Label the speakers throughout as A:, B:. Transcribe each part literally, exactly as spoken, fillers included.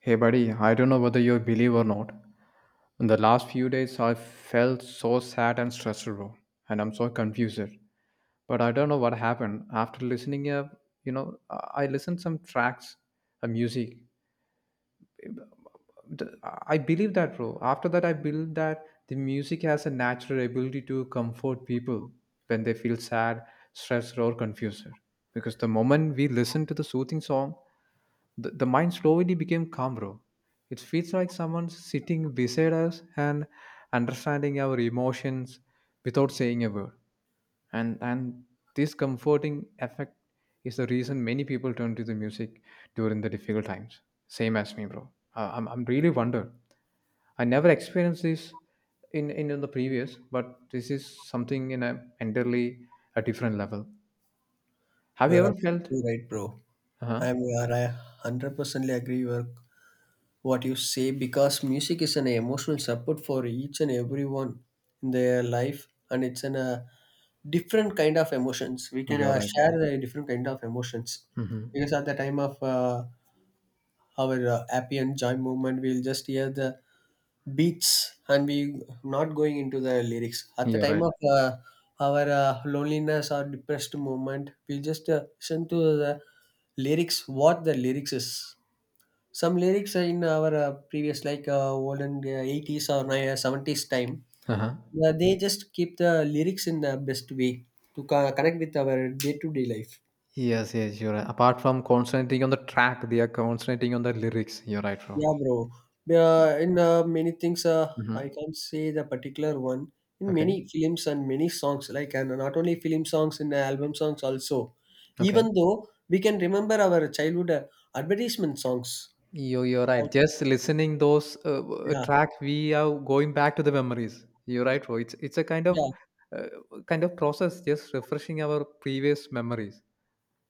A: Hey, buddy, I don't know whether you believe or not. In the last few days, I felt so sad and stressed, bro, and I'm so confused. But I don't know what happened. After listening, uh, you know, I I listened some tracks, uh, music, th- I believe that, bro. After that, I believe that the music has a natural ability to comfort people when they feel sad, stressed, or confused. Because the moment we listen to the soothing song, the, the mind slowly became calm, bro. It feels like someone sitting beside us and understanding our emotions without saying a word, and and this comforting effect is the reason many people turn to the music during the difficult times, same as me, bro. Uh, i'm, I'm really wonder. I never experienced this in, in in the previous, but this is something in a entirely a different level. Have you
B: You're
A: ever felt?
B: absolutely right, bro. I'm
A: Uh-huh.
B: I hundred percently agree with what you say, because music is an emotional support for each and everyone in their life, and it's an uh, different kind of emotions. We can
A: You're
B: uh,
A: right,
B: share
A: bro.
B: the different kind of emotions.
A: Hmm.
B: Because at the time of uh, our uh, happy and joy movement, we'll just hear the beats and we not going into the lyrics. At the
A: You're
B: time
A: right.
B: of uh, our uh, loneliness or depressed moment, we just uh, listen to the lyrics, what the lyrics is. Some lyrics are in our uh, previous, like uh, olden uh, eighties or ni- seventies time.
A: Uh-huh.
B: Uh, they just keep the lyrics in the best way to co- connect with our day-to-day life.
A: Yes, yes, you're right, apart from concentrating on the track they are concentrating on the lyrics, you're right, bro.
B: Yeah, bro. Uh, in uh, many things, uh, I
A: Mm-hmm.
B: can't say the particular one. In
A: Okay,
B: many films and many songs, like, and not only film songs, in album songs also.
A: okay.
B: Even though we can remember our childhood uh, advertisement songs.
A: You you're right.
B: Like,
A: Just listening those uh, uh,
B: yeah,
A: track, we are going back to the memories. You're right, bro. It's it's a kind of
B: yeah,
A: uh, kind of process, just refreshing our previous memories.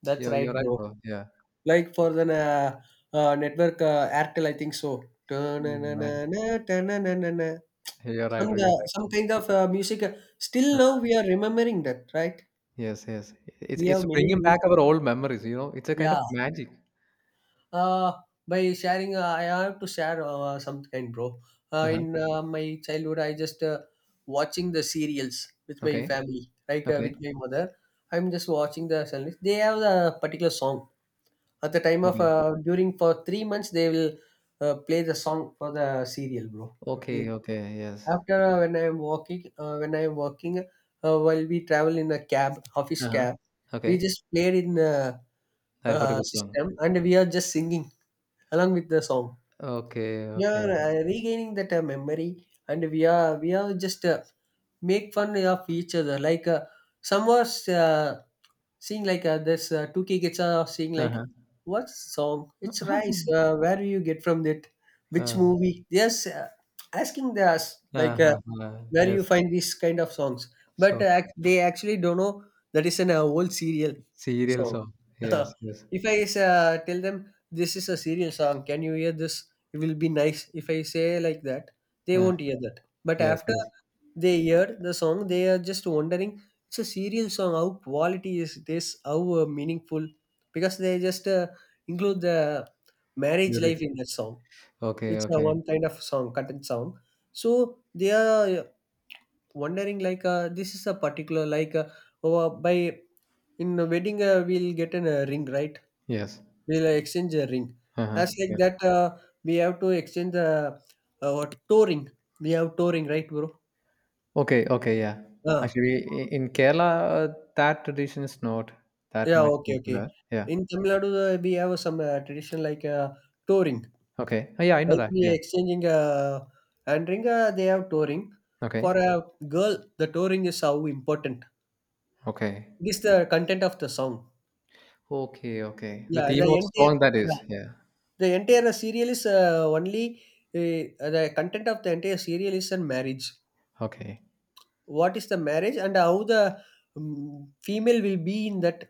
B: that's
A: Yeah,
B: right,
A: you're right,
B: bro.
A: bro. Yeah.
B: Like, for the uh, uh, network uh, Airtel, I think so.
A: Mm, man.
B: Ta-na-na-na-na, ta-na-na-na-na.
A: You're right.
B: Some
A: You're
B: uh, some
A: right.
B: kind of uh, music. uh, Still now we are remembering that, right?
A: Yes, yes. It's
B: We have
A: it's
B: many
A: bringing back
B: music.
A: our old memories. You know, it's a kind
B: Yeah.
A: of magic.
B: Uh, by sharing, uh, I have to share uh, some kind, bro. Uh,
A: Uh-huh.
B: in uh, my childhood, I just uh, watching the serials with my
A: Okay.
B: family, like uh, with
A: Okay.
B: my mother. I'm just watching the serials. They have a particular song at the time of
A: Okay.
B: uh, during for three months. They will uh, play the song for the serial, bro.
A: Okay.
B: Okay.
A: Okay. Yes.
B: After uh, when I'm walking, uh, when I'm walking, uh, while we travel in a cab, office
A: Uh-huh.
B: cab, we
A: Okay.
B: just played in. Uh,
A: That was a
B: uh,
A: good
B: system,
A: song.
B: and we are just singing along with the song.
A: Okay.
B: We are
A: Okay.
B: uh, regaining that uh, memory, and we are we are just uh, make fun of each other. Like uh, some was uh, sing like uh, this uh, two K kids are sing
A: Uh-huh.
B: like what song? It's Rice. Uh, where do you get from that? Which
A: Uh,
B: movie? Yes, uh, asking the us like uh,
A: uh-huh. uh,
B: where you
A: Yes.
B: find these kind of songs, but
A: So
B: uh, ac- they actually don't know that is an uh, old serial
A: serial
B: song.
A: song. Yes, yes.
B: If I uh, tell them this is a serious song, can you hear this? It will be nice. If I say like that, they
A: Uh,
B: won't hear that. But
A: yes,
B: after
A: yes.
B: they hear the song, they are just wondering it's a serious song. How quality is this? How uh, meaningful? Because they just uh, include the marriage life
A: Lyrics.
B: in that song.
A: Okay,
B: It's a
A: okay.
B: one kind of song, content song. So they are uh, wondering like uh, this is a particular, like uh, oh, uh, by in a wedding uh, we'll get a uh, ring, right,
A: Yes.
B: we'll exchange a ring.
A: Uh-huh.
B: As like
A: Yeah.
B: that, uh, we have to exchange the uh, what touring. We have touring, right, bro?
A: Okay, okay, yeah.
B: Ah,
A: Actually, i- in Kerala, uh, that tradition is not that
B: yeah,
A: much
B: okay, okay.
A: popular. Yeah.
B: In Tamil Nadu, uh, we have some uh, tradition like uh, touring.
A: Okay. Uh, yeah, I know
B: Like,
A: that.
B: we are
A: Yeah.
B: exchanging uh, hand ring, uh, they have touring. For
A: Okay.
B: a girl, the touring is how important.
A: Okay.
B: It is the content of the song.
A: Okay, okay. The
B: Yeah, the
A: theme of the
B: entire
A: song that
B: yeah,
A: is. Yeah.
B: the entire serial is uh, only uh, the content of the entire serial is on marriage.
A: Okay.
B: What is the marriage, and how the um, female will be in that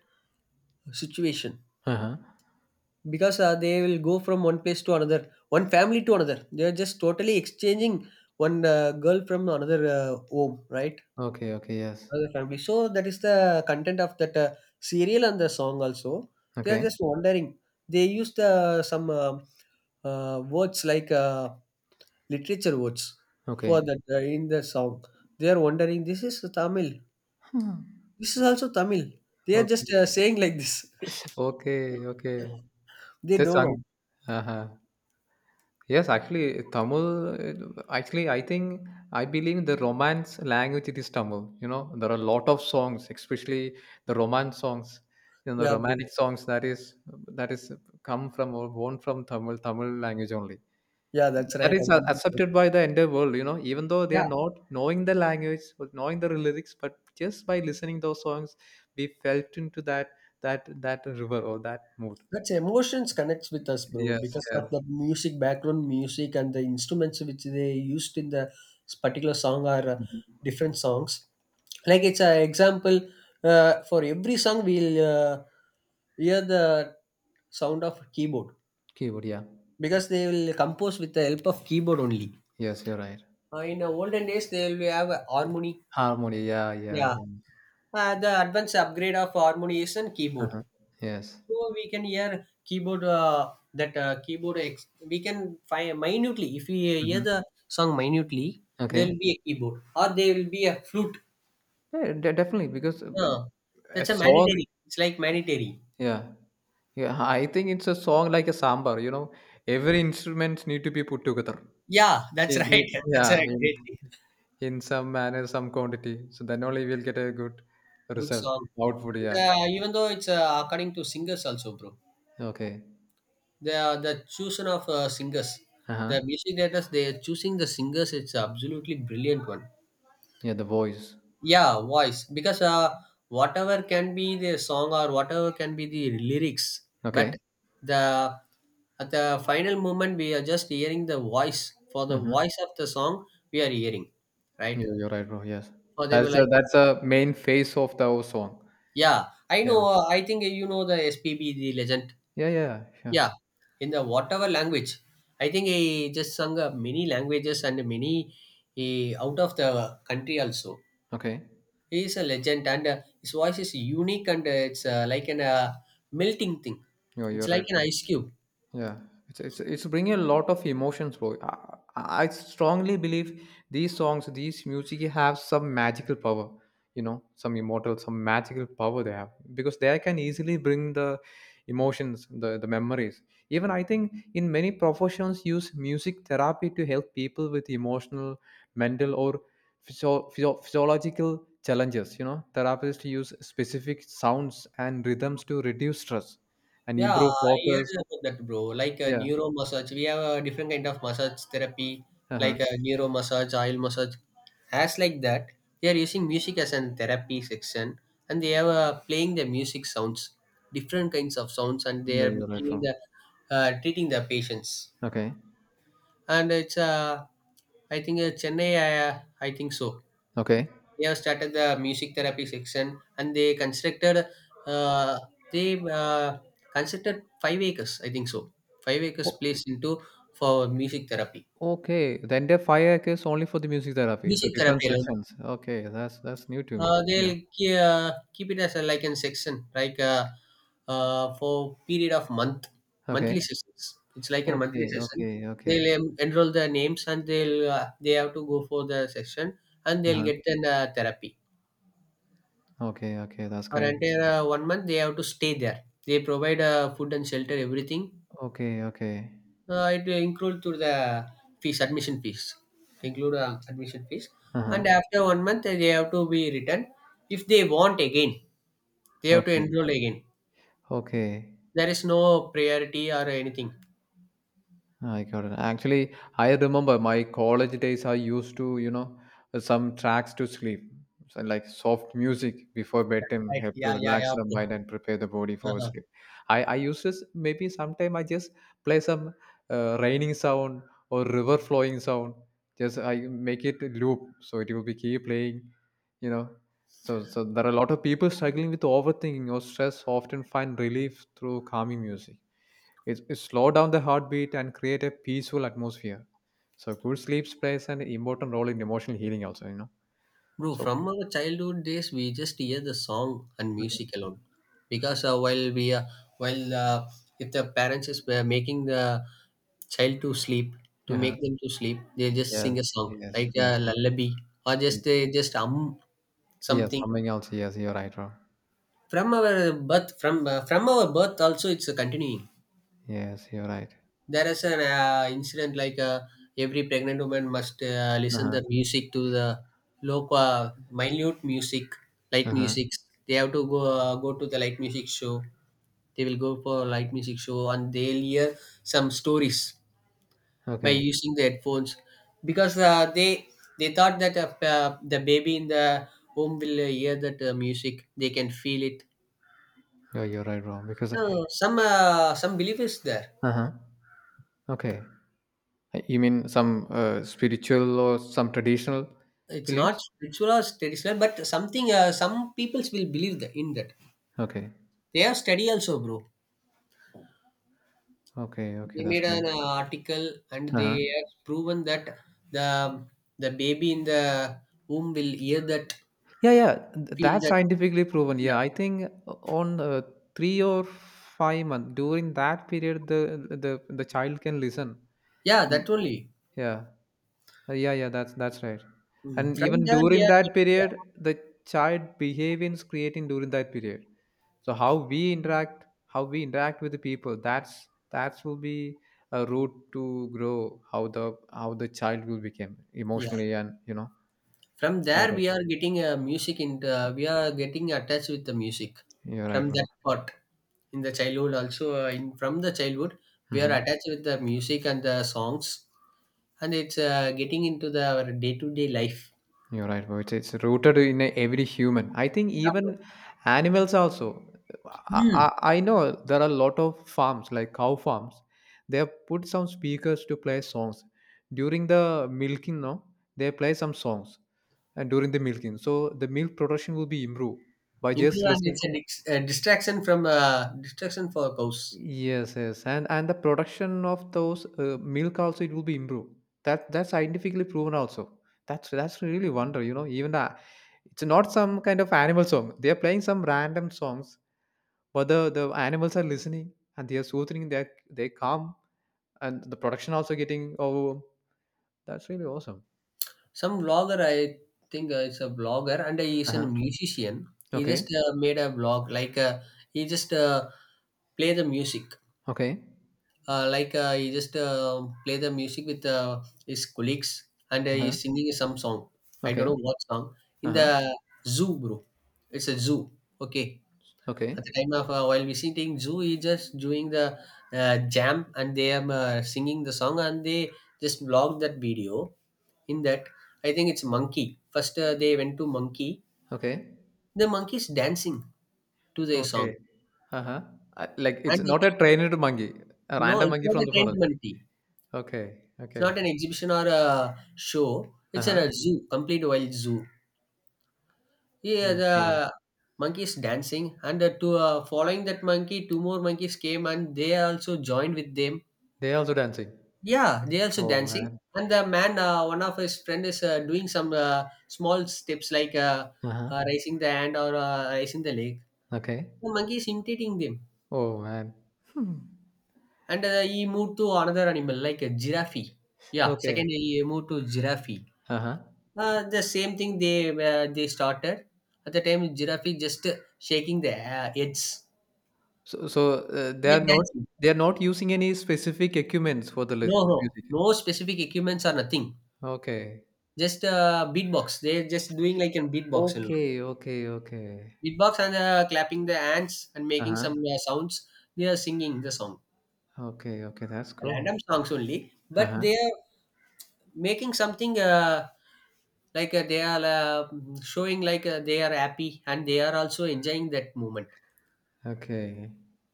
B: situation,
A: Uh-huh.
B: because uh, they will go from one place to another, one family to another. They are just totally exchanging one uh, girl from another uh, home, right,
A: Okay, okay, yes.
B: another family. So that is the content of that uh, serial and the song also. They are
A: Okay.
B: just wondering, they use the some uh, uh, words, like uh, literature words for
A: Okay.
B: that uh, in the song. They are wondering, this is Tamil.
A: Hmm.
B: This is also Tamil. They are just
A: Okay.
B: uh, saying like this.
A: Okay, okay.
B: They
A: It is
B: don't
A: sung.
B: know.
A: Uh-huh. Yes, actually, Tamil. uh, Actually, I think I believe the romance language it is Tamil. You know, there are a lot of songs, especially the romance songs. You know, the
B: Yeah, bro.
A: romantic songs that is that is come from or born from Tamil Tamil language only.
B: Yeah, that's
A: That
B: right.
A: is a-
B: Absolutely right.
A: accepted by the entire world. You know, even though they
B: Yeah,
A: are not knowing the language or knowing the lyrics, but just by listening those songs, we felt into that that that river or that mood.
B: that's emotions connects with us, bro,
A: Yes,
B: because of
A: yes.
B: the music, background music and the instruments which they used in the particular song are uh,
A: Mhm.
B: different songs. Like, it's an example, uh, for every song we'll uh, hear the sound of keyboard,
A: Keyword, yeah.
B: because they will compose with the help of keyboard only.
A: Yes, you're right.
B: Uh, in the olden days, they will have a harmony.
A: Harmony, yeah, yeah,
B: Yeah,
A: yeah.
B: Uh, the advanced upgrade of harmonization keyboard.
A: Uh-huh. Yes.
B: So we can hear keyboard, uh, that uh, keyboard, ex- we can find minutely. If we hear
A: Mhm.
B: the song minutely, there
A: Okay.
B: will be a keyboard or there will be a flute.
A: Yeah, de definitely, because uh, b
B: Uh,
A: a
B: that's a
A: song,
B: mandatory. It's like mandatory.
A: yeah. Yeah, I think it's a song like a sambar, you know. Every instruments need to be put together.
B: Yeah, that's
A: In
B: right.
A: in
B: That's a
A: yeah, in
B: great thing.
A: in some manner, some quantity. So then only we'll get a good
B: Good
A: result,
B: song.
A: output,
B: And,
A: yeah.
B: uh, even though it's uh, according to singers also, bro.
A: Okay.
B: The the choosing of uh, singers,
A: Uh-huh.
B: the music directors, they are choosing the singers. It's absolutely brilliant one.
A: Yeah, the voice.
B: Yeah, voice, because uh, whatever can be the song or whatever can be the lyrics, but
A: Okay.
B: the, at the final moment, we are just hearing the voice, for the
A: Mm-hmm.
B: voice of the song we are hearing, right,
A: You, you're right, bro. Yes.
B: for them.
A: That's a,
B: Like,
A: that's a main face of the whole song.
B: yeah, I
A: Yeah.
B: know, uh, I think you know the S P B, the legend.
A: Yeah, yeah, yeah.
B: Yeah,
A: Sure.
B: in the whatever language, I think he just sung uh, many languages and many uh, out of the country also.
A: Okay.
B: He is a legend, and uh, his voice is unique, and uh, it's uh, like an uh, melting thing.
A: You're,
B: It's
A: you're
B: like
A: right.
B: an ice cube.
A: Yeah, it's it's it's bringing a lot of emotions, bro. I, I strongly believe these songs, these music have some magical power. You know, some immortal, some magical power they have because they can easily bring the emotions, the the memories. Even I think in many professions use music therapy to help people with emotional, mental, or physio- physio- physiological challenges. You know, therapists use specific sounds and rhythms to reduce stress and
B: Yeah,
A: improve
B: I
A: focus.
B: heard about that, bro. Like a
A: Yeah.
B: neuro massage, we have a different kind of massage therapy,
A: Uh-huh.
B: like a neuro massage, oil massage, as like that. They are using music as an therapy section, and they are uh, playing the music sounds, different kinds of sounds, and they
A: You're,
B: are
A: you're right,
B: giving
A: bro.
B: the uh, treating the patients.
A: Okay.
B: And it's uh, I think uh, Chennai. I, I think so.
A: Okay.
B: They have started the music therapy section, and they constructed uh, they uh, constructed five acres, I think so, five acres
A: O-
B: place into for music therapy.
A: okay. The entire fire is only for the music therapy. So
B: Music
A: different
B: therapy alone,
A: sections. Okay. That's that's new to me.
B: uh,
A: Yeah.
B: they'll ke- uh, keep it as a, like in section, like uh, uh, for period of month, monthly
A: Okay.
B: sessions. It's like a monthly
A: Okay.
B: session.
A: Okay.
B: They'll
A: Okay.
B: um, enroll their names, and they'll uh, they have to go for the session, and they'll
A: Uh-huh.
B: get an uh, therapy.
A: Okay. Okay. That's
B: For
A: great.
B: entire uh, one month, they have to stay there. They provide uh, food and shelter, everything.
A: Okay. Okay.
B: Uh, it will include to the fees, admission fees. Include uh, admission fees. And
A: Uh-huh.
B: after one month, uh, they have to be returned. If they want again, they have to
A: Okay.
B: enroll again.
A: Okay.
B: There is no priority or anything.
A: I got it. Actually, I remember my college days. I used to, you know, some tracks to sleep, so like soft music before bedtime,
B: Right.
A: help to
B: Yeah, yeah,
A: relax
B: yeah.
A: the
B: Bro.
A: mind and prepare the body for
B: Uh-huh.
A: sleep. I I used to s- maybe sometime I just play some uh, raining sound or river flowing sound. Just I make it loop, so it will be keep playing. You know, so so there are a lot of people struggling with overthinking or stress. Often find relief through calming music. It, it slow down the heartbeat and create a peaceful atmosphere. So good sleep plays an important role in emotional healing also, you know.
B: Bro,
A: So,
B: from our childhood days, we just hear the song and music alone, because uh, while we uh, while uh, if the parents is uh, making the child to sleep, to
A: uh
B: make them to sleep, they just sing a
A: yes,
B: song
A: yes,
B: like a
A: yes.
B: lullaby, or
A: Yes.
B: just they just um
A: Yes,
B: something.
A: something else. Yes, you're right, bro.
B: From our birth from uh, from our birth also, it's uh, continuing.
A: Yes, you're right.
B: There is an uh, incident, like uh, every pregnant woman must uh, listen
A: Uh-huh.
B: the music, to the local uh, minute music, light
A: Uh-huh.
B: music. They have to go uh, go to the light music show. They will go for light music show, and they'll hear some stories by
A: Okay.
B: using the headphones, because uh, they they thought that uh, uh, the baby in the home will uh, hear that uh, music, they can feel it.
A: No, you're right, bro. Because.
B: So some uh, some belief is there.
A: Uh-huh. Okay. Uh, You mean some uh, spiritual or some traditional
B: It's not
A: beliefs?
B: spiritual or traditional, but something. Uh, some peoples will believe that in that.
A: Okay.
B: They have study also, bro.
A: Okay,
B: They
A: okay, that's
B: made
A: great.
B: an uh, article and they
A: Uh-huh.
B: have proven that the the baby in the womb will hear that,
A: Yeah, yeah, th-
B: feel
A: that's
B: that.
A: scientifically proven. Yeah,
B: Yeah,
A: I think uh, on uh, three or five months during that period, the the the child can listen.
B: yeah,
A: Mm.
B: that only.
A: Yeah. Uh, yeah, yeah. That's that's right.
B: Mm.
A: And
B: From
A: even
B: there we
A: during that
B: are.
A: period, the child behaviors creating during that period. So how we interact, how we interact with the people, that's that will be a route to grow how the how the child will become
B: Yeah,
A: emotionally and you know.
B: from
A: You're
B: there
A: right.
B: we are getting uh, music in. Uh, we are getting attached with the music
A: You're
B: from
A: right, bro.
B: that part. In the childhood also, uh, in from the childhood, we are
A: Mhm.
B: attached with the music and the songs, and it's uh, getting into the our day-to-day life.
A: You're right, bro. It's, it's rooted in every human. I think even animals also. I,
B: Hmm.
A: I, I know there are a lot of farms, like cow farms. They have put some speakers to play songs. During the milking, no, they play some songs and during the milking. So the milk production will be improved by
B: Improve.
A: just
B: And
A: listening.
B: it's a, dic- a distraction from uh, distraction for cows.
A: Yes, yes, and and the production of those uh, milk also it will be improved. That that's scientifically proven also. That's that's really wonder, you know. Even the, it's not some kind of animal song. They are playing some random songs, but the the animals are listening and they are soothing. They they calm and the production also getting, oh, that's really awesome.
B: Some vlogger, i think, uh, it's a vlogger and he
A: Uh
B: is a
A: huh.
B: musician. He just
A: Okay.
B: uh, made a vlog, like, uh, he just uh, play the music,
A: Okay.
B: uh, like, uh, he just uh, play the music with uh, his colleagues, and uh,
A: Uh huh.
B: he's singing some song. I don't
A: Okay.
B: know what song,
A: Uh
B: in
A: huh.
B: the zoo, bro. It's a zoo. Okay.
A: Okay.
B: At the time of, uh, while visiting zoo, he just doing the uh, jam, and they are uh, singing the song, and they just blocked that video in that. I think it's monkey. First, uh, they went to monkey.
A: Okay.
B: The monkey is dancing to their song.
A: Okay. Uh huh. Like it's
B: and uh,
A: not a trained monkey, a
B: no
A: random
B: it's
A: monkey
B: not a
A: from the
B: trained
A: forest.
B: monkey.
A: Okay,
B: It's not
A: okay.
B: an exhibition or a show. It's at
A: Uh-huh.
B: a zoo, complete wild zoo. Yeah,
A: Okay.
B: the monkey is dancing, and uh, to uh, following that monkey, two more monkeys came, and they also joined with them.
A: They also dancing.
B: Yeah, they also
A: Oh
B: dancing.
A: man.
B: And the man, uh, one of his friend is uh, doing some uh, small steps, like, uh,
A: Uh-huh.
B: uh, raising the hand, or uh, raising the leg.
A: Okay.
B: The monkey is imitating them.
A: Oh man. Hmm.
B: And uh, he moved to another animal, like a giraffe. Yeah, second
A: Okay.
B: he moved to giraffe.
A: Uh-huh.
B: Uh, the same thing, they uh, they started. At the time, giraffe just uh, shaking the uh, heads.
A: So so, uh, they are
B: Like
A: not
B: dancing.
A: they are not using any specific equipments for the li-
B: No, no.
A: music.
B: No specific equipments or nothing.
A: Okay.
B: Just uh, beatbox. They're just doing like a beatbox.
A: Okay, okay, okay.
B: Beatbox, and uh, clapping the hands and making some
A: Uh-huh.
B: uh, sounds. They are singing the song,
A: Okay, okay. That's cool.
B: random songs only, but
A: Uh-huh.
B: they are making something, uh, like, uh, they are uh, showing, like, uh, they are happy and they are also enjoying that moment.
A: Okay.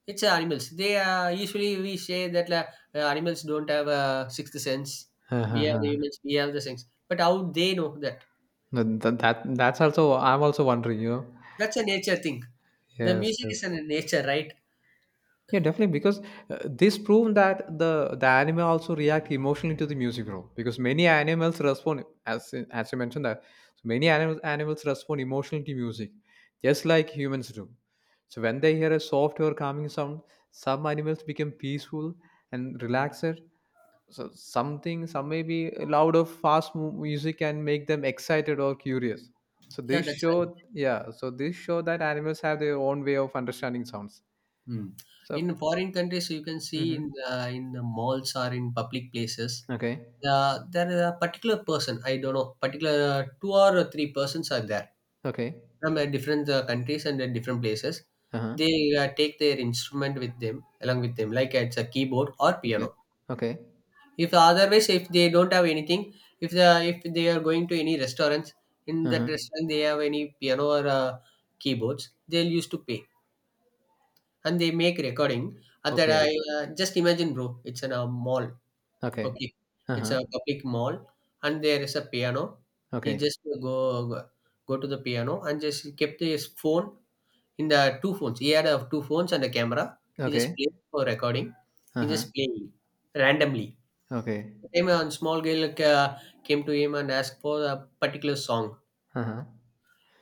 B: It's uh, animals. They uh, usually we say that, uh, uh, animals don't have a sixth sense. We are the
A: Uh-huh.
B: humans. We have the sense, but how they know that?
A: That, that that's also I'm also wondering, you know.
B: That's a nature thing. The
A: Yes,
B: music is
A: yes.
B: a nature, right?
A: Yeah, definitely, because uh, this proves that the the animal also react emotionally to the music role, because many animals respond as as you mentioned, that so many animals animals respond emotionally to music, just like humans do. So when they hear a soft or calming sound, some animals become peaceful and relaxed. So, something, some may be loud or fast mu- music can make them excited or curious. So
B: Yeah,
A: this
B: that's right.
A: show, yeah, so this show that animals have their own way of understanding sounds.
B: Hmm.
A: So.
B: In foreign countries, you can see in the, in the malls or in public places.
A: Okay.
B: Uh, there is a particular person, I don't know, particular two or three persons are there,
A: Okay.
B: from uh, different uh, countries and uh, different places.
A: Uh-huh.
B: They uh, take their instrument with them, along with them, like it's a keyboard or
A: Okay.
B: piano.
A: Okay.
B: If otherwise, if they don't have anything, if the if they are going to any restaurants, in that
A: Uh-huh.
B: restaurant they have any piano or uh, keyboards, they'll used to pay, and they make recording. Uh, that
A: Okay.
B: I, uh, just imagine, bro. It's in a mall.
A: Okay.
B: Okay, it's
A: Uh-huh.
B: a public mall, and there is a piano. He
A: Okay.
B: just go go go to the piano and just kept his phone in the two phones. He had uh, two phones and a camera. He just
A: Okay.
B: played for recording. He
A: Uh-huh.
B: just playing randomly.
A: Okay.
B: Time, a small girl, uh, came to him and asked for a particular song.
A: Uh-huh.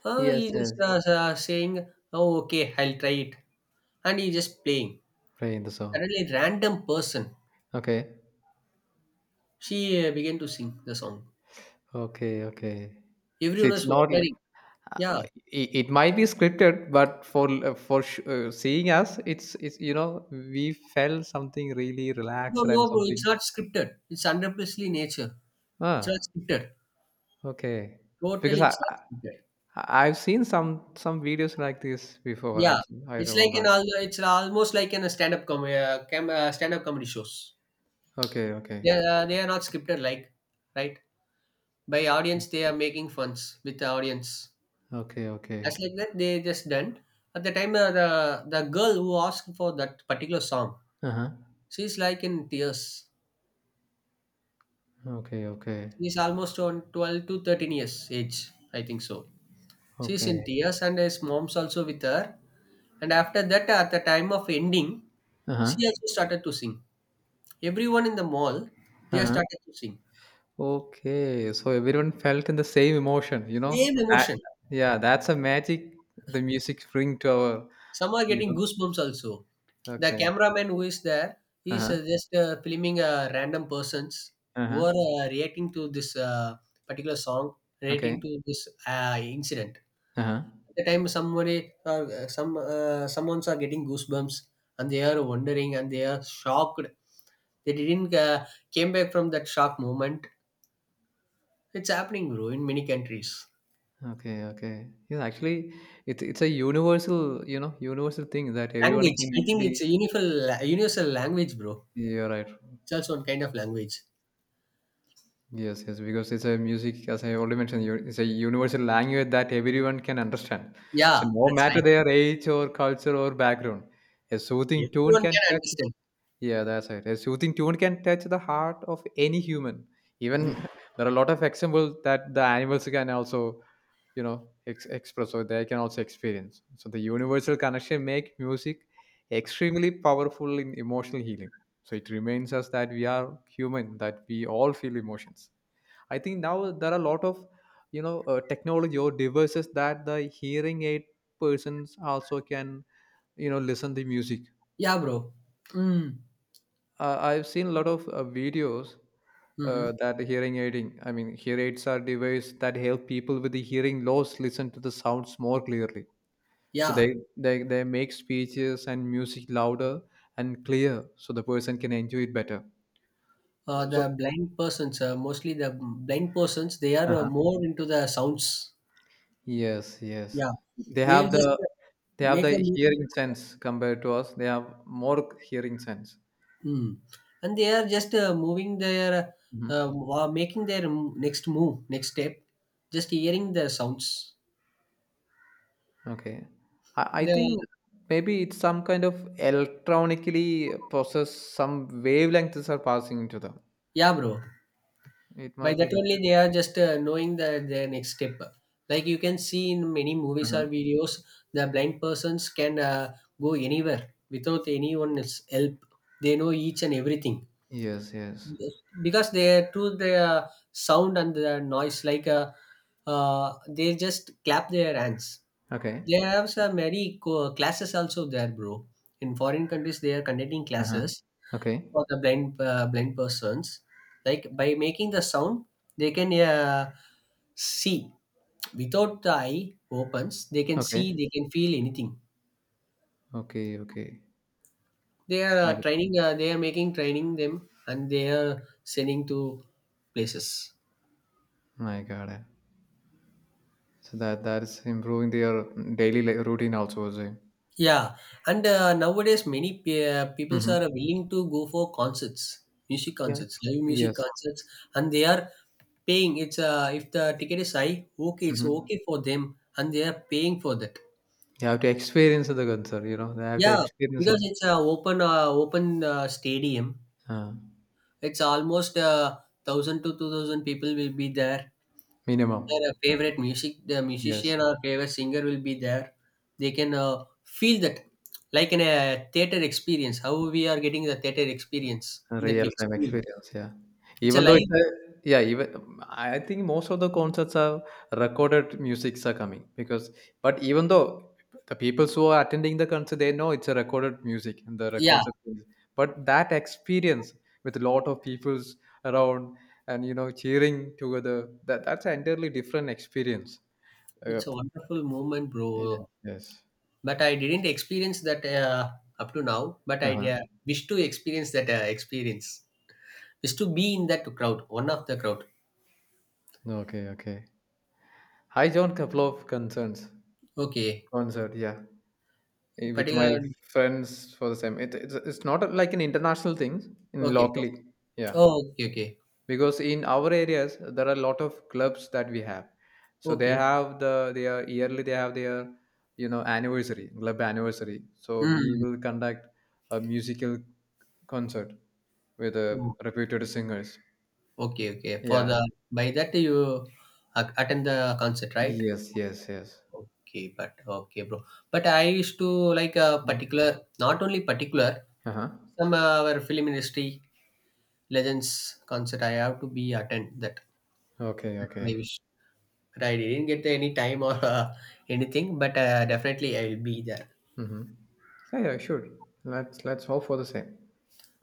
B: Uh,
A: Yes,
B: he just
A: yes.
B: uh, uh, saying, "Oh, okay, I'll try it," and he just playing.
A: Right in the song.
B: Suddenly, random person.
A: Okay.
B: She, uh, began to sing the song.
A: Okay. Okay. So
B: Everyone was
A: it's not. l-
B: wondering. Yeah.
A: Uh, it, it might be scripted, but for uh, for sh- uh, seeing us, it's it's you know, we felt something really
B: No,
A: relaxed
B: no,
A: and
B: bro. It's
A: something.
B: not scripted. It's one hundred nature. It's not
A: Ah.
B: scripted.
A: Okay. Because
B: Totally,
A: I
B: it's not scripted.
A: I I've seen some some videos like this before
B: Yeah.
A: also. I
B: It's like
A: remember.
B: an al- it's almost like in a stand-up comedy uh, cam- uh, stand-up comedy shows.
A: Okay, okay.
B: Yeah, they are they are not scripted, like, right? By audience, they are making funs with the audience.
A: Okay, okay.
B: As like that, they just done. At the time, uh, the the girl who asked for that particular song,
A: Uh-huh.
B: she's like in tears.
A: Okay, okay.
B: She's almost on twelve to thirteen years age, I think so. She's in
A: Okay.
B: tears, and his mom's also with her. And after that, at the time of ending,
A: Uh-huh.
B: she also started to sing. Everyone in the mall, they have
A: Uh-huh.
B: started to sing.
A: Okay. So everyone felt in the same emotion, you know?
B: Same
A: That,
B: emotion.
A: yeah, that's a magic the music bring to our,
B: Some are
A: you
B: getting
A: know.
B: goosebumps also. The
A: Okay.
B: cameraman who is there, he's
A: Uh-huh.
B: uh, just uh, filming uh, random persons who
A: Uh-huh.
B: are uh, reacting to this uh, particular song,
A: Okay.
B: reacting to this uh, incident.
A: Uh-huh.
B: At the time, somebody uh, some uh, someone's are getting goosebumps, and they are wondering, and they are shocked. They didn't uh, came back from that shock moment. It's happening, bro, in many countries.
A: Okay, okay. Yeah, actually, it's it's a universal, you know, universal thing that everyone
B: Language, I
A: can
B: think
A: easily.
B: it's a universal universal language, bro.
A: You're right.
B: It's also one kind of language.
A: Yes, yes, because it's a music, as I already mentioned, you- it's a universal language that everyone can understand.
B: Yeah,
A: So no
B: that's
A: matter
B: right.
A: their age or culture or background, a soothing tune
B: Everyone
A: can
B: can
A: touch.
B: understand.
A: Yeah, that's right. A soothing tune can touch the heart of any human. Even
B: Mm.
A: there are a lot of examples that the animals can also you know ex- express or they can also experience, so the universal connection make music extremely powerful in emotional healing, so it reminds us that we are human, that we all feel emotions. I think now there are a lot of you know uh, technology or devices that the hearing aid persons also can you know listen to music.
B: Yeah, bro. Mm.
A: uh, I've seen a lot of uh, videos,
B: Hmm.
A: uh, that hearing aiding, I mean, hear aids are device that help people with the hearing loss listen to the sounds more clearly. So
B: Yeah.
A: they they they make speeches and music louder and clear, so the person can enjoy it better.
B: Uh, the
A: So,
B: blind persons, uh, mostly the blind persons, they are uh,
A: uh
B: more into the sounds.
A: yes, yes.
B: Yeah,
A: they
B: they will
A: have
B: just
A: the
B: uh,
A: they have
B: make a.
A: the hearing sense, compared to us they have more hearing sense.
B: Hmm. And they are just uh, moving their,
A: Hmm.
B: uh, wa- making their m- next move, next step, just hearing the sounds.
A: Okay. I, I
B: The-
A: think maybe it's some kind of electronically process, some wavelengths are passing into them,
B: yeah, bro.
A: it
B: By
A: might be
B: that
A: like
B: only, they are just uh, knowing the, their next step. Like you can see in many movies
A: uh
B: or videos, the blind persons can uh, go anywhere without anyone's help. They know each and everything,
A: yes, yes.
B: because they are through the uh, sound and the noise. Like, uh, uh, they just clap their hands.
A: Okay.
B: They have some many co- classes also there, bro. In foreign countries, they are conducting
A: Uh-huh.
B: classes
A: Okay,
B: for the blind uh, blind persons. Like by making the sound, they can uh, see without the eye opens. They can see.
A: okay,
B: They can feel anything.
A: okay, okay.
B: They are
A: I
B: uh, training. Uh, they are making training them, and they are sending to places.
A: I got it. So that that is improving their daily li- routine also, is it?
B: Yeah, and uh, nowadays many pe- uh, peoples are
A: Mm-hmm.
B: willing to go for concerts, music
A: Yeah.
B: concerts, live music
A: Yes.
B: concerts, and they are paying. It's uh, if the ticket is high, okay, it's
A: Mm-hmm.
B: okay for them, and they are paying for that.
A: You have to experience the concert, you know. They have to
B: Yeah,
A: experience
B: because
A: it.
B: it's a open uh, open, uh, stadium.
A: Uh,
B: It's almost, uh, thousand to two thousand people will be there.
A: Minimum.
B: Their uh, favorite music, the
A: Yes.
B: musician or favorite singer will be there. They can uh, feel that, like in a theater experience, how we are getting the theater experience in the
A: Real
B: big
A: time
B: screen.
A: experience, yeah.
B: It's a
A: Even though
B: live.
A: it's a yeah, even I I think most of the concerts are recorded musics are coming because but even though the people who are attending the concert they know it's a recorded music and the
B: Yeah,
A: records are played. But that experience with a lot of people's around and you know cheering together that that's an entirely different experience. Uh,
B: it's a wonderful moment,
A: yeah,
B: bro.
A: yes.
B: But I didn't experience that, uh, up to now, but I,
A: Uh huh.
B: uh, wish to experience that, uh, experience. Wish to be in that crowd, one of the crowd.
A: Okay. Okay. Hi, John. Couple of concerns.
B: Okay,
A: Concert. Yeah. Eh, with my
B: particular.
A: friends for the same. It, it's it's not like an international thing in
B: Okay, bro.
A: locally. Yeah,
B: Oh, okay, okay.
A: because in our areas there are a lot of clubs that we have. So they
B: Okay.
A: have the their yearly they have their you know anniversary club anniversary. So we
B: Mm.
A: will conduct a musical concert with uh, reputed singers.
B: Okay, okay. For
A: Yeah.
B: the, by that you a- attend the concert, right?
A: Yes. Yes. Yes.
B: Okay, but okay, bro. But I used to, like a particular, not only particular,
A: Uh huh.
B: some uh, our film industry legends concert. I have to be attend that.
A: Okay.
B: That's my
A: Okay.
B: wish. But I didn't get any time or uh, anything. But uh, definitely I will be there.
A: Mm-hmm. Yeah. Yeah. Sure. Let's let's hope for the same.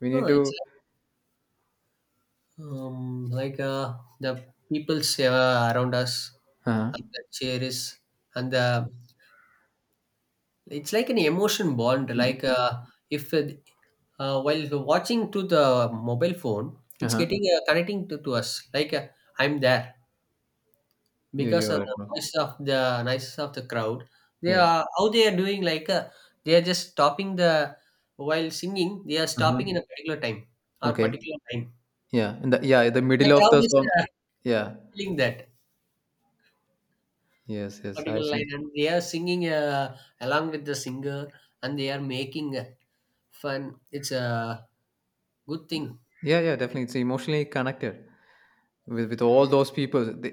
A: We
B: Oh,
A: need
B: it's
A: to.
B: like, um like, uh, the people's uh, around us,
A: Uh huh.
B: and the cheer is, and the. It's like an emotion bond.
A: Mm.
B: Like, uh, if uh, uh, while watching to the mobile phone, it's
A: Uh-huh.
B: getting uh, connecting to, to us. Like, uh, I'm there,
A: You
B: because
A: you're
B: of
A: right,
B: the
A: bro.
B: noise of the noise of the crowd. They
A: Yes.
B: are how they are doing. Like, uh, they are just stopping the, while singing. They are
A: Uh-huh.
B: stopping in a particular time or
A: Okay.
B: particular time.
A: Yeah. And the, yeah, the middle
B: The
A: of
B: crowd
A: the
B: is
A: song.
B: uh,
A: Yeah.
B: feeling that.
A: Yes,
B: A
A: yes. I've
B: particular
A: seen.
B: line, and they are singing uh, along with the singer, and they are making uh, fun. It's a good thing.
A: Yeah, yeah, definitely. It's emotionally connected with with all those people. They,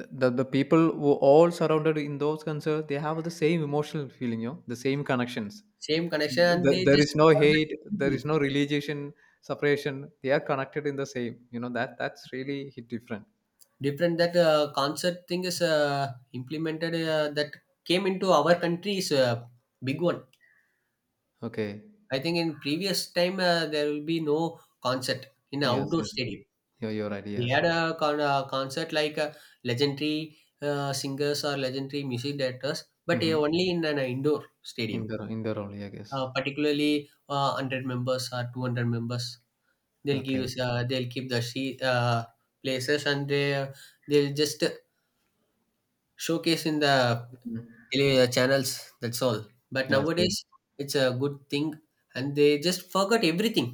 A: the, the the people who all surrounded in those concerts, they have the same emotional feeling, you know, the same connections.
B: Same connection, and
A: The,
B: they
A: there
B: just
A: is no hate,
B: forget
A: there is
B: everything.
A: no relegation, separation. They are connected in the same. You know that that's really hit different.
B: Different, that uh, concert thing is uh, implemented, uh, that came into our country is a big one.
A: Okay.
B: I think in previous time, uh, there will be no concert in
A: Yes,
B: outdoor
A: yes.
B: stadium.
A: You're you're right.
B: They
A: Yes.
B: had a con- uh, concert, like uh, legendary uh, singers or legendary music directors, but uh,
A: Mm-hmm.
B: only in an indoor
A: In
B: stadium.
A: the in the role, yeah, I guess.
B: Uh, particularly, uh, one hundred members or two hundred members, they'll give
A: Okay.
B: us, uh, they'll keep the she- uh, places, and they, uh, they'll just showcase in the
A: Mhm.
B: tele- uh, channels. That's all. But
A: Yes, yes.
B: nowadays, it's a good thing, and they just forgot everything.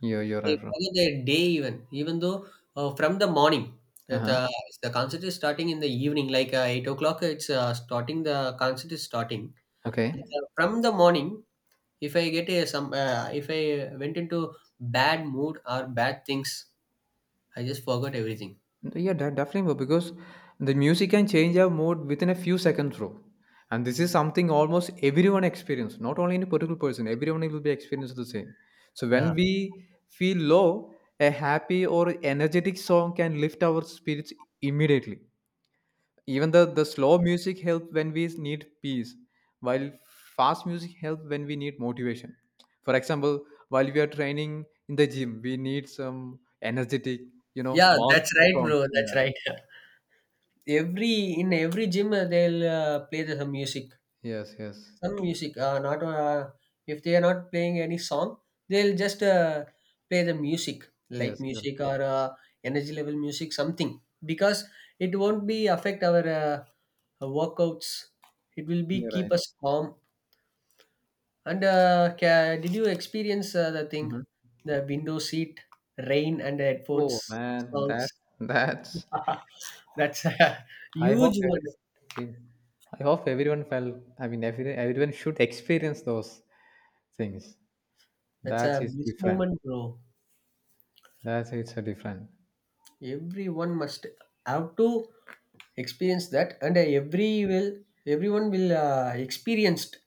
A: You're you're
B: They
A: right, bro.
B: follow their day, even, even though, uh, from the morning, that
A: Uh-huh.
B: uh, the concert is starting in the evening, like, uh, eight o'clock. It's uh, starting. The concert is starting. And,
A: Okay.
B: uh, from the morning. If I get a some, uh, if I went into bad mood or bad things, I just forgot everything.
A: Yeah, de- definitely, bro, because the music can change our mood within a few seconds, bro. And this is something almost everyone experience, not only any particular person, everyone will be experiencing the same. So when
B: Yeah,
A: we feel low, a happy or energetic song can lift our spirits immediately. Even the the slow music help when we need peace while fast music help when we need motivation, for example, while we are training in the gym we need some energetic you know
B: yeah,
A: mass
B: that's right,
A: songs.
B: bro. That's
A: Yeah,
B: right. Every in every gym, uh, they'll uh, play the, some music,
A: yes, yes,
B: some music uh, not uh, if they are not playing any song, they'll just uh, play the music, light
A: yes, you're,
B: music or uh, energy level music, something. Because it won't be affect our uh, workouts, it will be
A: you're
B: keep
A: right.
B: us calm. And, uh, ca- did you experience uh, the thing,
A: Mhm.
B: the window seat, rain, and the
A: Oh
B: headphones,
A: man, that
B: songs?
A: that's,
B: That's a
A: I hope
B: huge one.
A: everyone, I hope everyone felt, I mean every, everyone should experience those things.
B: That's
A: That
B: a
A: is
B: bliss
A: different.
B: moment, bro.
A: That is a different.
B: Everyone must have to experience that, and uh, every will everyone will uh, experienced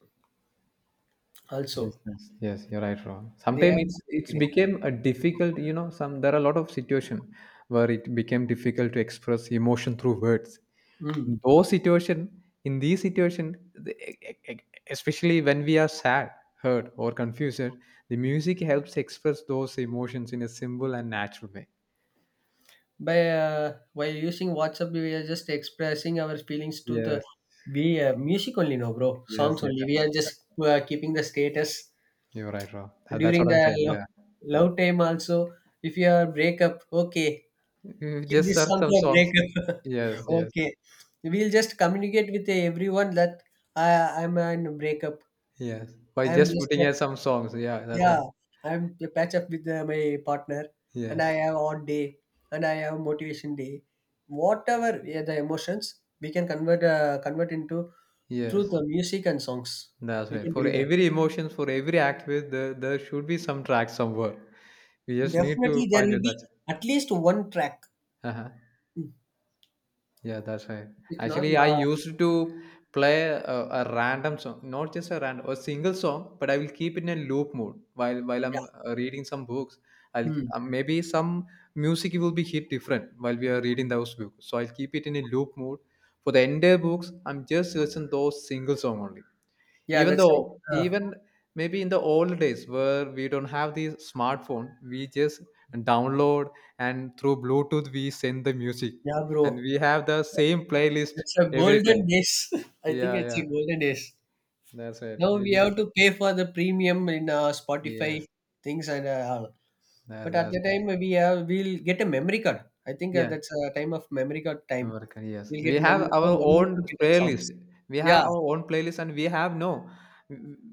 A: Yes,
B: also.
A: yes, yes, you're right, Rohan.
B: They have
A: Sometimes it's
B: that
A: it's
B: experience.
A: became a difficult, you know, some there are a lot of situation where it became difficult to express emotion through words.
B: Mm.
A: In those situation, in these situation, the- e- e- e- especially when we are sad, hurt, or confused, the music helps express those emotions in a simple and natural way.
B: by uh, while using WhatsApp, we are just expressing our feelings to the.
A: Yes,
B: We uh, music only, no bro,
A: yes,
B: songs
A: yes.
B: only, we are just uh, keeping the status.
A: You're right, Rohan. That- That's
B: During
A: what
B: the
A: I'm saying.
B: love,
A: Yeah,
B: love time also, if you are breakup, okay.
A: you
B: Keep
A: just
B: this
A: search
B: song
A: some
B: for
A: songs.
B: breakup.
A: Yes, yes,
B: Okay. We'll just communicate with everyone that I, I'm in a breakup.
A: yes. By
B: I'm
A: just
B: just,
A: putting in some songs. Yeah, that's
B: yeah,
A: right.
B: I'm to patch up with uh, my partner, and I
A: Yes.
B: have odd day, and I have motivation day. Whatever, yeah, the emotions, we can convert uh, convert into, through
A: Yes,
B: the music and songs.
A: that's
B: We
A: right.
B: can
A: For
B: deliver.
A: every emotions, for every act, with the, there should be some track somewhere. We just need to
B: Definitely, there
A: find
B: will
A: it.
B: be
A: That
B: at least one track.
A: uh
B: Mm.
A: yeah, that's right.
B: It's not,
A: Actually, I
B: uh,
A: used to play a, a random song, not just a random, a single song, but I will keep it in a loop mode while while I'm
B: yeah.
A: uh, reading some books. I'll
B: Hmm.
A: uh, maybe some music will be hit different while we are reading those books. So I'll keep it in a loop mode for the entire books. I'm just listen those single song only,
B: Yeah,
A: even
B: that's right.
A: though
B: Uh,
A: even, maybe in the old days where we don't have the smartphone we just download and through bluetooth we send the music
B: yeah,
A: and
B: bro.
A: we have the same playlist
B: It's a
A: every
B: golden
A: time.
B: days. I think
A: Yeah,
B: it's
A: yeah,
B: a golden days.
A: that's right,
B: Now
A: we
B: we have
A: just,
B: to pay for the premium in uh, Spotify
A: yes,
B: things and uh, all.
A: that's
B: But at
A: that's
B: the
A: right.
B: time we have we'll get a memory card. I think uh,
A: Yeah,
B: that's a time of memory card time.
A: American, yes
B: We'll
A: we
B: get a
A: have
B: memory
A: our
B: card only
A: own
B: to get the
A: playlist,
B: songs.
A: we
B: Yeah,
A: have our own playlist and we have no,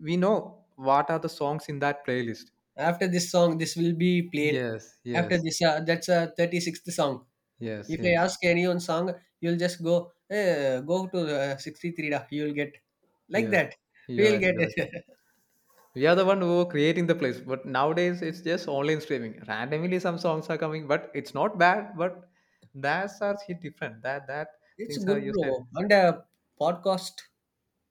A: we know what are the songs in that playlist.
B: after this song, this will be played.
A: Yes,
B: After
A: yes,
B: this, uh, that's a thirty sixth song.
A: yes,
B: If I
A: yes,
B: ask any one song, you'll just go eh, go to uh, sixty three. You'll get like
A: yes,
B: that.
A: you're
B: We'll
A: right
B: get
A: you're right
B: it.
A: We are the one who are creating the place. But nowadays, it's just online streaming. Randomly, some songs are coming, but it's not bad. But that's are hit different. That that
B: It's
A: things are
B: good,
A: you said.
B: bro. And uh, podcast,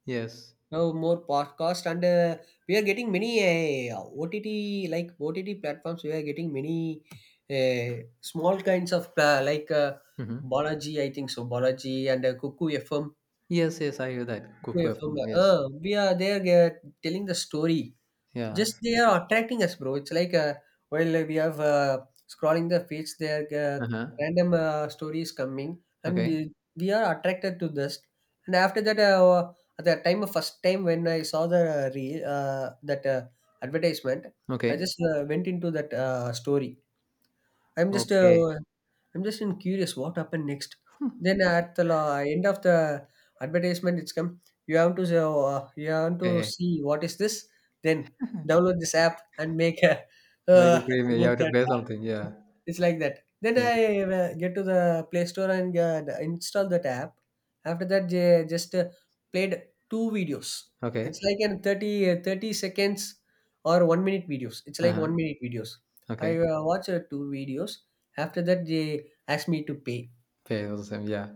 A: Yes.
B: now more podcast, and uh, we are getting many uh, O T T, like O T T platforms. We are getting many uh, small kinds of, uh, like, uh,
A: Hmm.
B: Balaji, I think so. Balaji and uh, Cuckoo F M,
A: Yes. Yes. I hear that.
B: Cuckoo
A: Cuckoo
B: F M.
A: F M. Yes.
B: Uh, we are they are uh, telling the story.
A: Yeah.
B: Just they are attracting us, bro. It's like, uh, while we have uh, scrolling the feeds, there uh,
A: Uh huh.
B: random uh, stories coming, and
A: Okay.
B: we we are attracted to this. And after that, uh, at the time of first time when I saw the uh, re- uh, that uh, advertisement, I
A: Okay.
B: just uh, went into that uh, story. I'm just
A: Okay.
B: uh, I'm just in curious what happened next. Then at the la- end of the advertisement, it's come. You have to say, uh, you have to
A: Okay.
B: see what is this. Then, download this app and make a
A: Make
B: uh,
A: it premium. You
B: download
A: have to
B: that.
A: pay
B: app."
A: something. Yeah.
B: It's like that. Then
A: Yeah.
B: I uh, get to the Play Store and uh, install that app. After that, they just uh, played two videos. It's
A: Okay.
B: like an thirty, uh, thirty seconds or one minute videos. It's
A: Uh
B: like
A: huh.
B: one minute videos. I
A: Okay.
B: uh, watched uh, two videos. After that, they asked me to pay.
A: Pay the same. Yeah.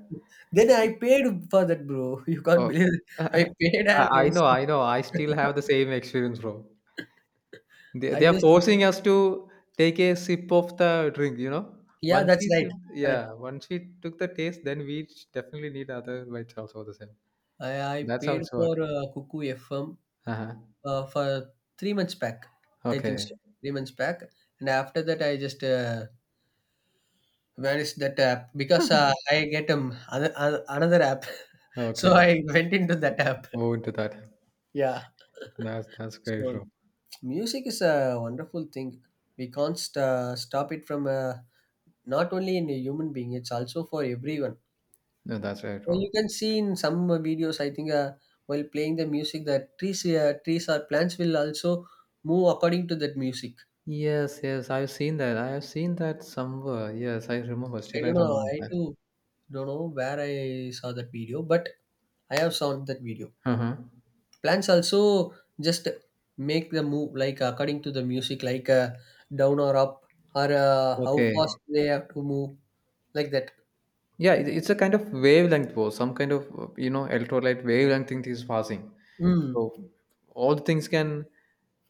B: Then I paid for that, bro. You can't
A: Oh.
B: believe it. I
A: I
B: paid, and then
A: I know.
B: she-
A: I know. I still have the same experience, bro. They
B: I
A: they are
B: just,
A: forcing us to take a sip of the drink, you know.
B: yeah,
A: Once
B: that's
A: we
B: right.
A: sip,
B: Correct.
A: yeah, once we took the taste, then we definitely need other bites also the same.
B: I, I
A: That's how
B: paid
A: it's
B: for
A: work.
B: uh, Cuckoo F M,
A: Uh-huh.
B: uh, for three months back, I think so.
A: Okay.
B: Three months back, and after that, I just uh, vanished that app, because uh, I get um other, other, another app. So
A: Okay.
B: I went into that app.
A: Move into that.
B: Yeah.
A: That's that's very
B: So
A: true.
B: music is a wonderful thing. We can't st- stop it from, uh, not only in a human being, it's also for everyone.
A: No, that's very
B: Well, you
A: true.
B: can see in some uh, videos, I think, uh, while playing the music, that trees, uh, trees or plants will also move according to that music.
A: Yes, yes, I've seen that. I have seen that somewhere. Yes, I remember.
B: I
A: Still, I
B: don't know.
A: remember
B: I
A: that.
B: too don't know where I saw that video, but I have seen that video.
A: Uh-huh.
B: Plants also just make the move, like, according to the music. Like, uh, down or up, or uh, how
A: Okay.
B: fast they have to move, like that.
A: Yeah, it, it's a kind of wavelength war, some kind of, uh, you know, electrolyte wavelength thing is passing.
B: Mm.
A: So all the things can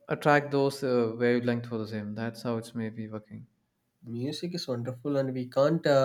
A: attract those uh, wavelength for the same. That's how it's maybe working.
B: Music is wonderful, and we can't. Uh,